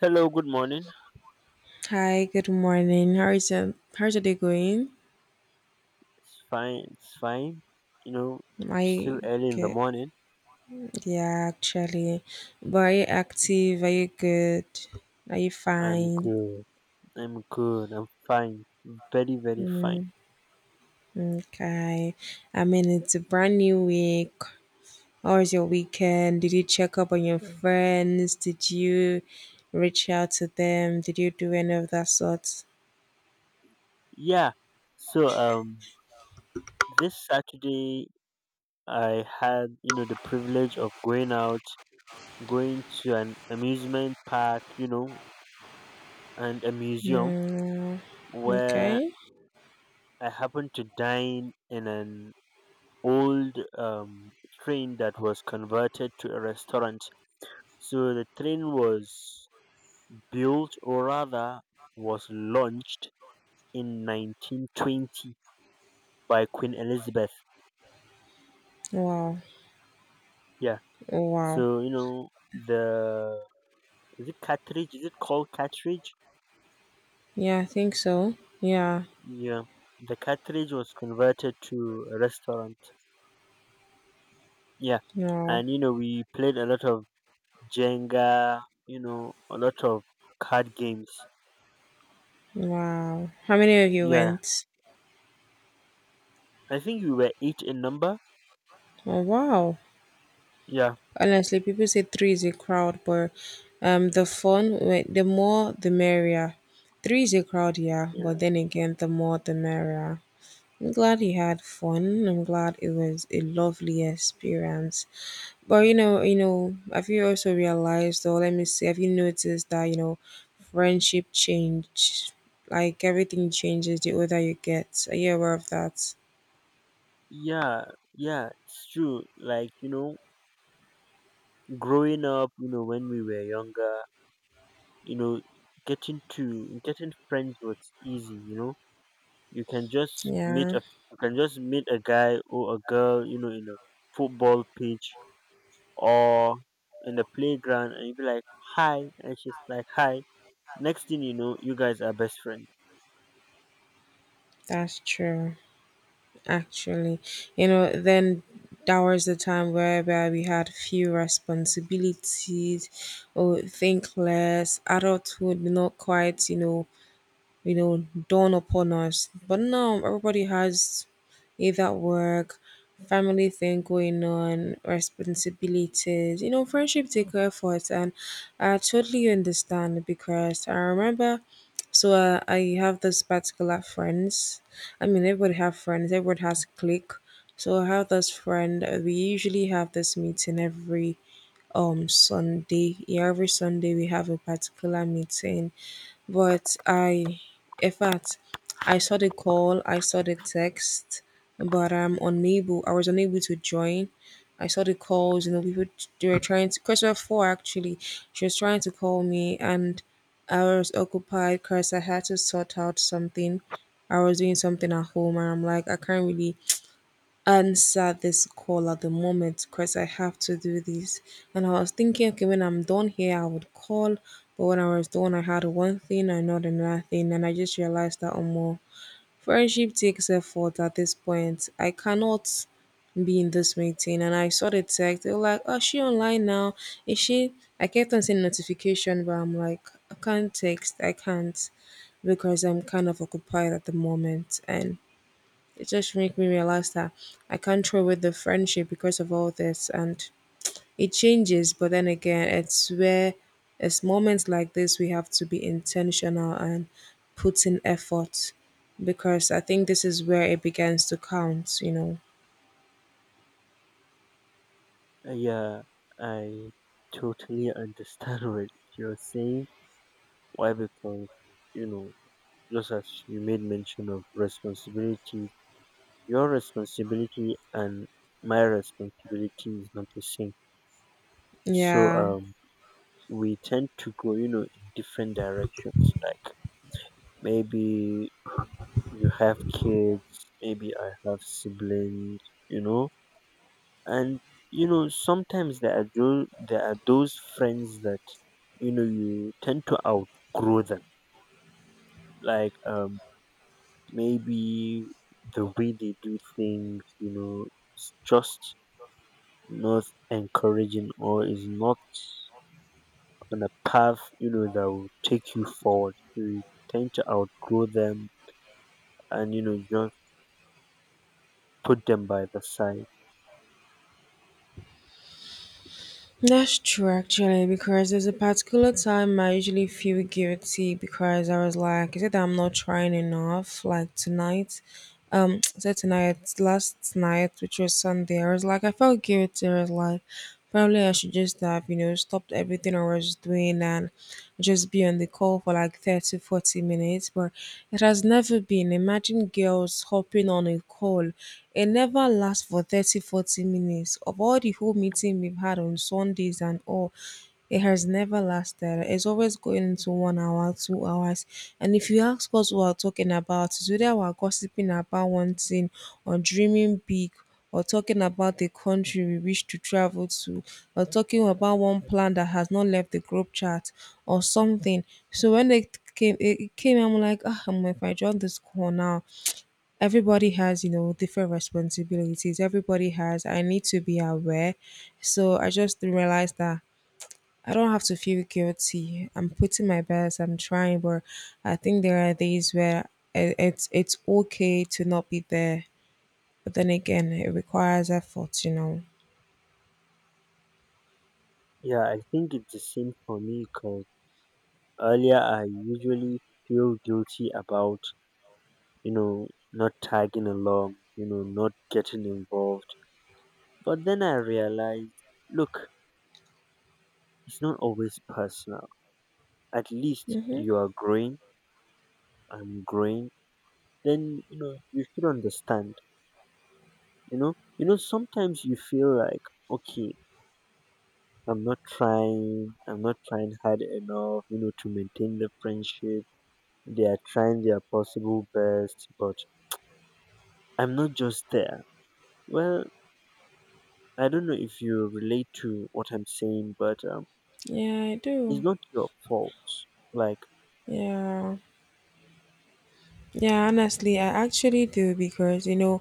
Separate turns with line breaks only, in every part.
Hello, good morning.
Hi, good morning. How is it? How's your day going?
It's fine. It's fine. You know,
I
still early in the
get
morning.
Yeah, actually. But are you active? Are you good? Are you
I'm
fine?
good. I'm good. I'm fine. Very, very fine.
Okay. I mean, it's a brand new week. How was your weekend? Did you check up on your friends? Did you reach out to them? Did you do any of that sort?
Yeah. So, this Saturday I had, you know, the privilege of going out, going to an amusement park, you know, and a museum
Mm,
where
okay.
I happened to dine in an old train that was converted to a restaurant. So the train was built, or rather was launched, in 1920 by Queen Elizabeth.
Wow.
Yeah.
Oh, wow.
So, you know, the is it cartridge? Is it called cartridge?
Yeah, I think so. Yeah.
Yeah. The cartridge was converted to a restaurant. Yeah.
Yeah.
And you know, we played a lot of Jenga, you know, a lot of card games.
Wow. How many of you
Yeah.
went?
I think we were eight in number.
Oh, wow.
Yeah.
Honestly, people say three is a crowd, but the more, the merrier. Three is a crowd, yeah, but
Yeah.
then again, the more, the merrier. I'm glad you had fun. I'm glad it was a lovely experience. But have you also realized, or let me see, have you noticed that friendship change, like everything changes the older you get. Are you aware of that?
Yeah. Yeah. It's true. Like, you know, growing up, you know, when we were younger, you know, getting friends was easy, you know. You can just meet
Yeah.
a you can just meet a guy or a girl, you know, in a football pitch or in the playground, and you be like, hi, and she's like, hi. Next thing you know, you guys are best friends.
That's true, actually. You know, then that was the time whereby we had few responsibilities or think less. Adulthood not quite, dawn upon us. But now everybody has either work, family thing going on, responsibilities, friendship take effort. And I totally understand because I remember, so I have this particular friends. I mean, everybody have friends, everybody has clique. So I have this friend, we usually have this meeting every Sunday. Yeah, every Sunday we have a particular meeting, but I, in fact, I saw the call, I saw the text, but I'm unable. I was unable to join. I saw the calls. You know, people they were trying to. Christopher four, actually, she was trying to call me, and I was occupied because I had to sort out something. I was doing something at home, and I'm like, I can't really answer this call at the moment because I have to do this. And I was thinking, okay, when I'm done here, I would call. But when I was done, I had one thing and not another thing. And I just realized that, oh, more friendship takes effort at this point. I cannot be in this meeting. And I saw the text. They were like, oh, is she online now? Is she? I kept on seeing notification, but I'm like, I can't text. I can't because I'm kind of occupied at the moment. And it just make me realize that I can't throw away the friendship because of all this, and it changes, but then again it's where it's moments like this we have to be intentional and put in effort because I think this is where it begins to count.
Yeah, I totally understand what you're saying. Why? Because, you know, just as you made mention of responsibility, your responsibility and my responsibility is not the same. So
Yeah.
we tend to go, you know, in different directions. Like, maybe you have kids, maybe I have siblings, you know. And you know, sometimes there are those friends that, you know, you tend to outgrow them. Like, maybe the way they do things, you know, it's just not encouraging, or is not on a path, you know, that will take you forward. You tend to outgrow them, and you know, just put them by the side.
That's true, actually, because there's a particular time I usually feel guilty because I was like, is it that I'm not trying enough, like tonight? Said tonight, last night, which was Sunday. I was like, I felt guilty. I was like, probably I should just have stopped everything I was doing, and just be on the call for like 30, 40 minutes. But it has never been. Imagine girls hopping on a call, it never lasts for 30, 40 minutes. Of all the whole meeting we've had on Sundays and all, it has never lasted. It's always going into 1 hour, 2 hours. And if you ask us what we're talking about, it's whether we're gossiping about one thing or dreaming big or talking about the country we wish to travel to or talking about one plan that has not left the group chat or something. So when it came, it came, I'm like, ah, I'm if I join this call now, everybody has, different responsibilities. Everybody has, I need to be aware. So I just realized that I don't have to feel guilty. I'm putting my best. I'm trying, but I think there are days where it's okay to not be there. But then again, it requires effort.
Yeah, I think it's the same for me because earlier I usually feel guilty about, you know, not tagging along, you know, not getting involved. But then I realized, look, it's not always personal. At least
Mhm.
you are growing, I'm growing. Then you know you should understand. You know, you know, sometimes you feel like, okay, I'm not trying hard enough, you know, to maintain the friendship. They are trying their possible best, but I'm not just there. Well, I don't know if you relate to what I'm saying, but
Yeah, I
it's
do.
not your fault, like.
Yeah. Yeah, honestly, I actually do because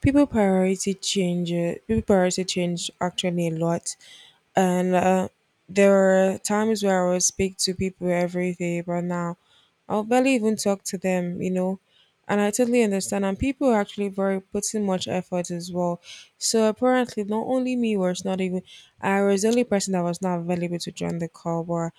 people priority change. People priority change actually a lot, and there were times where I would speak to people every day, but now I'll barely even talk to them. You know, and I totally understand. And people are actually very putting much effort as well. So apparently, not only me was not even I was the only person that was not available to join the call, but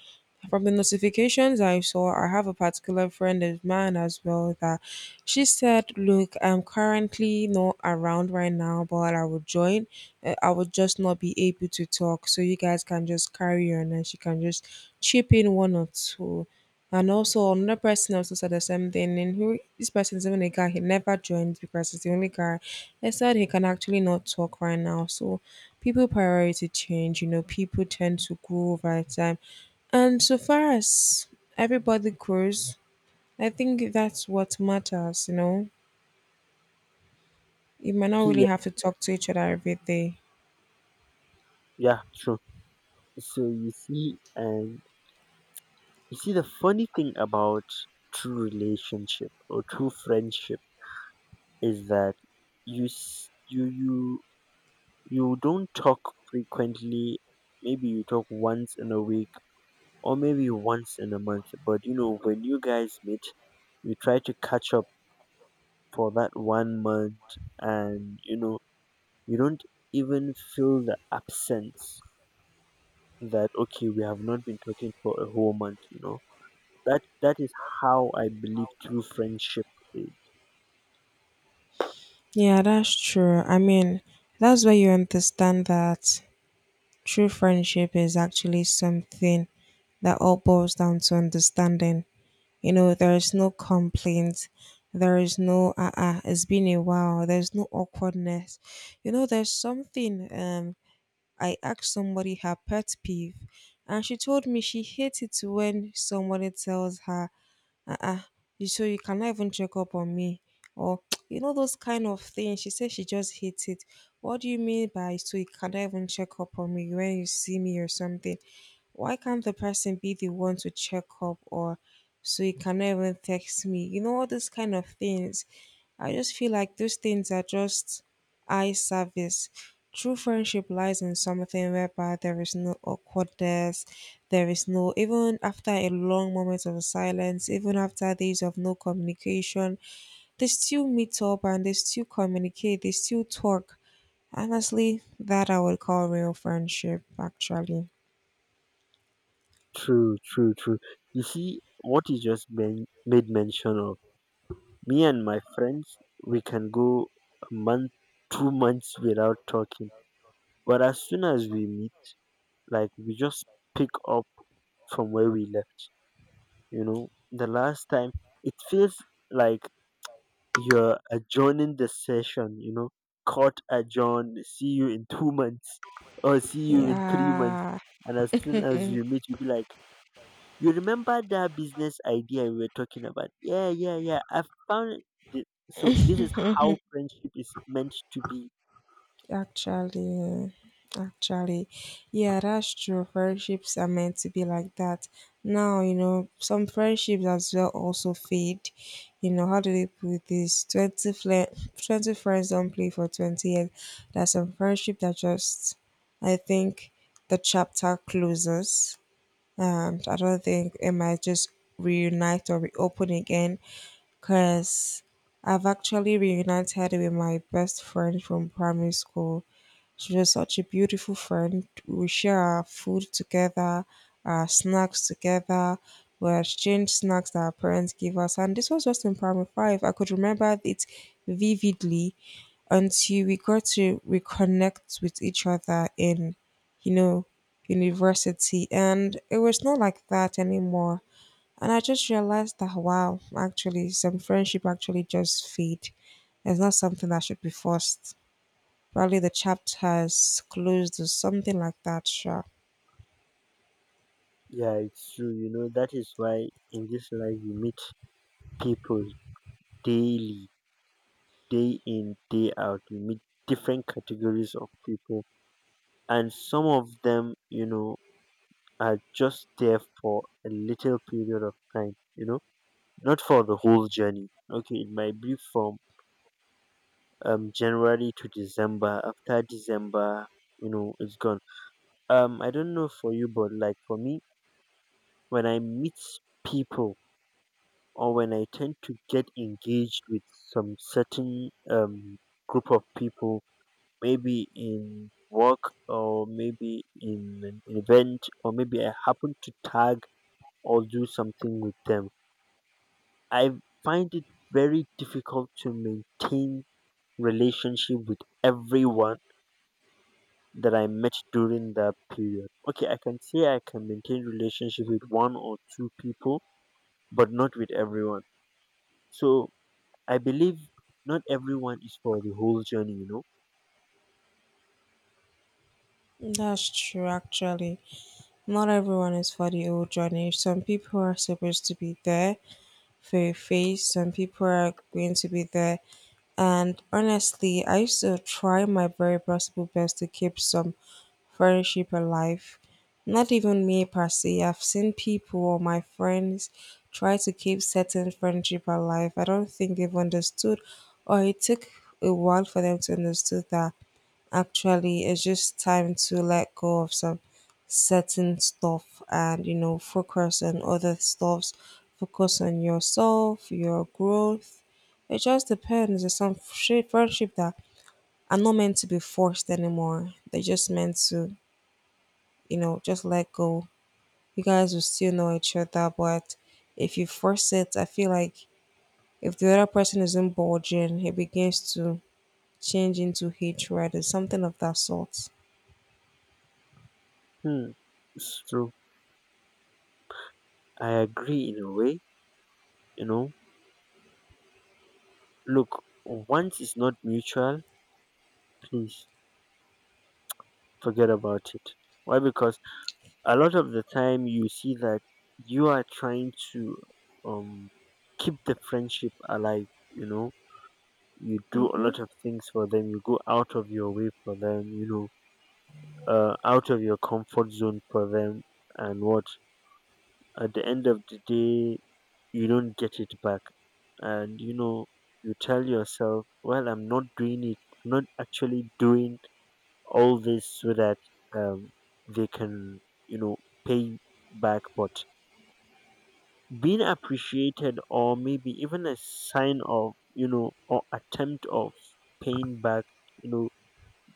from the notifications I saw, I have a particular friend of mine as well that she said, "Look, I'm currently not around right now, but I will join. I would just not be able to talk. So you guys can just carry on and she can just chip in one or two." And also another person also said the same thing. And who this person is even a guy, he never joins because he's the only guy. He said he can actually not talk right now. So people priority change, people tend to grow over time, and so far as everybody grows, I think that's what matters, you know? You might not really
Yeah.
have to talk to each other every day.
Yeah, true. so you see and you see the funny thing about true relationship or true friendship is that you s- you you you don't talk frequently. Maybe you talk once in a week, or maybe once in a month, but you know when you guys meet, you try to catch up for that 1 month. And you know, you don't even feel the absence. That okay, we have not been talking for a whole month, you know. That is how I believe true friendship is.
Yeah, that's true. I mean, that's where you understand that true friendship is actually something that all boils down to understanding. You know, there is no complaints. There is no, it's been a while. There's no awkwardness. You know, there's something. I asked somebody her pet peeve, and she told me she hates it when somebody tells her, uh uh you so you cannot even check up on me, or those kind of things. She said she just hates it. What do you mean by so you cannot even check up on me when you see me or something? Why can't the person be the one to check up, or so you cannot even text me? You know, all those kind of things. I just feel like those things are just eye service. True friendship lies in something whereby there is no awkwardness, there is no, even after a long moment of silence, even after days of no communication, they still meet up and they still communicate, they still talk. Honestly, that I would call real friendship, actually.
True, true, true. You see, what you just made mention of. Me and my friends, we can go a month, 2 months without talking. But as soon as we meet, like, we just pick up from where we left. You know, the last time it feels like you're adjourning the session, you know, court adjourn, see you in 2 months or see you in 3 months.
Yeah.
And as soon as you meet, you'll be like, you remember that business idea we were talking about? Yeah, yeah, yeah. I found it. So this is how
Mhm.
friendship is meant to be.
Actually, actually, yeah, that's true. Friendships are meant to be like that. Now, some friendships as well also fade. How do they put this? 20 friends don't play for 20 years. There's some friendship that just, I think, the chapter closes. And I don't think it might just reunite or reopen again because I've actually reunited with my best friend from primary school. She was such a beautiful friend. We share our food together, our snacks together. We exchanged snacks that our parents gave us. And this was just in primary five. I could remember it vividly until we got to reconnect with each other in, you know, university. And it was not like that anymore. And I just realized that, wow, actually, some friendship actually just fade. It's not something that should be forced. Probably the chapter has closed or something like that, sure.
Yeah, it's true. You know, that is why in this life you meet people daily, day in, day out. You meet different categories of people, and some of them, you know, are just there for a little period of time. You know, not for the whole journey. Okay, it might be from January to December. After December, you know, it's gone. I don't know for you, but like for me, when I meet people, or when I tend to get engaged with some certain group of people, maybe in work or maybe in an event, or maybe I happen to tag or do something with them, I find it very difficult to maintain relationship with everyone that I met during that period. Okay, I can say I can maintain relationship with one or two people, but not with everyone. So I believe not everyone is for the whole journey, you know.
That's true, actually. Not everyone is for the old journey. Some people are supposed to be there for your face, some people are going to be there. And honestly, I used to try my very possible best to keep some friendship alive. Not even me per se. I've seen people or my friends try to keep certain friendship alive. I don't think they've understood, or it took a while for them to understand that actually it's just time to let go of some certain stuff, and focus on other stuffs. Focus on yourself, your growth. It just depends. There's some shit friendship that are not meant to be forced anymore. They're just meant to just let go. You guys will still know each other, but if you force it, I feel like if the other person isn't bulging, it begins to change into hatred or something of that sort.
Hmm. It's true. I agree in a way, you know. Look, once it's not mutual, please forget about it. Why? Because a lot of the time you see that you are trying to um keep the friendship alive, you know, you do a
Hmm.
lot of things for them, you go out of your way for them, you know, out of your comfort zone for them. And what, at the end of the day, you don't get it back. And you know, you tell yourself, well, I'm not doing it, I'm not actually doing all this so that um, they can, you know, pay back. But being appreciated, or maybe even a sign of, you know, or attempt of paying back, you know,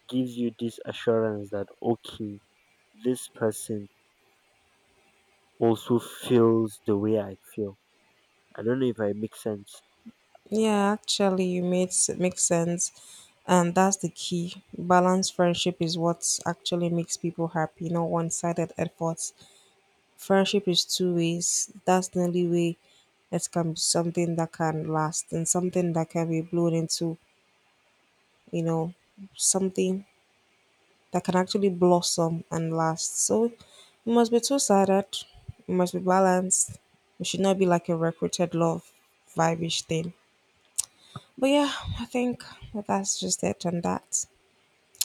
gives you this assurance that okay, this person also feels the way I feel. I don't know if I make sense.
Yeah, actually, you makes sense, and that's the key. Balanced friendship is what actually makes people happy, not one-sided efforts. Friendship is two ways. That's the only way it can be something that can last and something that can be blown into you know, something that can actually blossom and last. So it must be two sided, it must be balanced. It should not be like a recruited love vibish thing. But yeah, I think that's just it and that.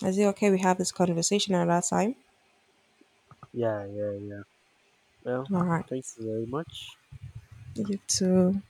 Is it okay we have this conversation another time?
Yeah, yeah, yeah. Well,
All right.
thank you very much.
You too.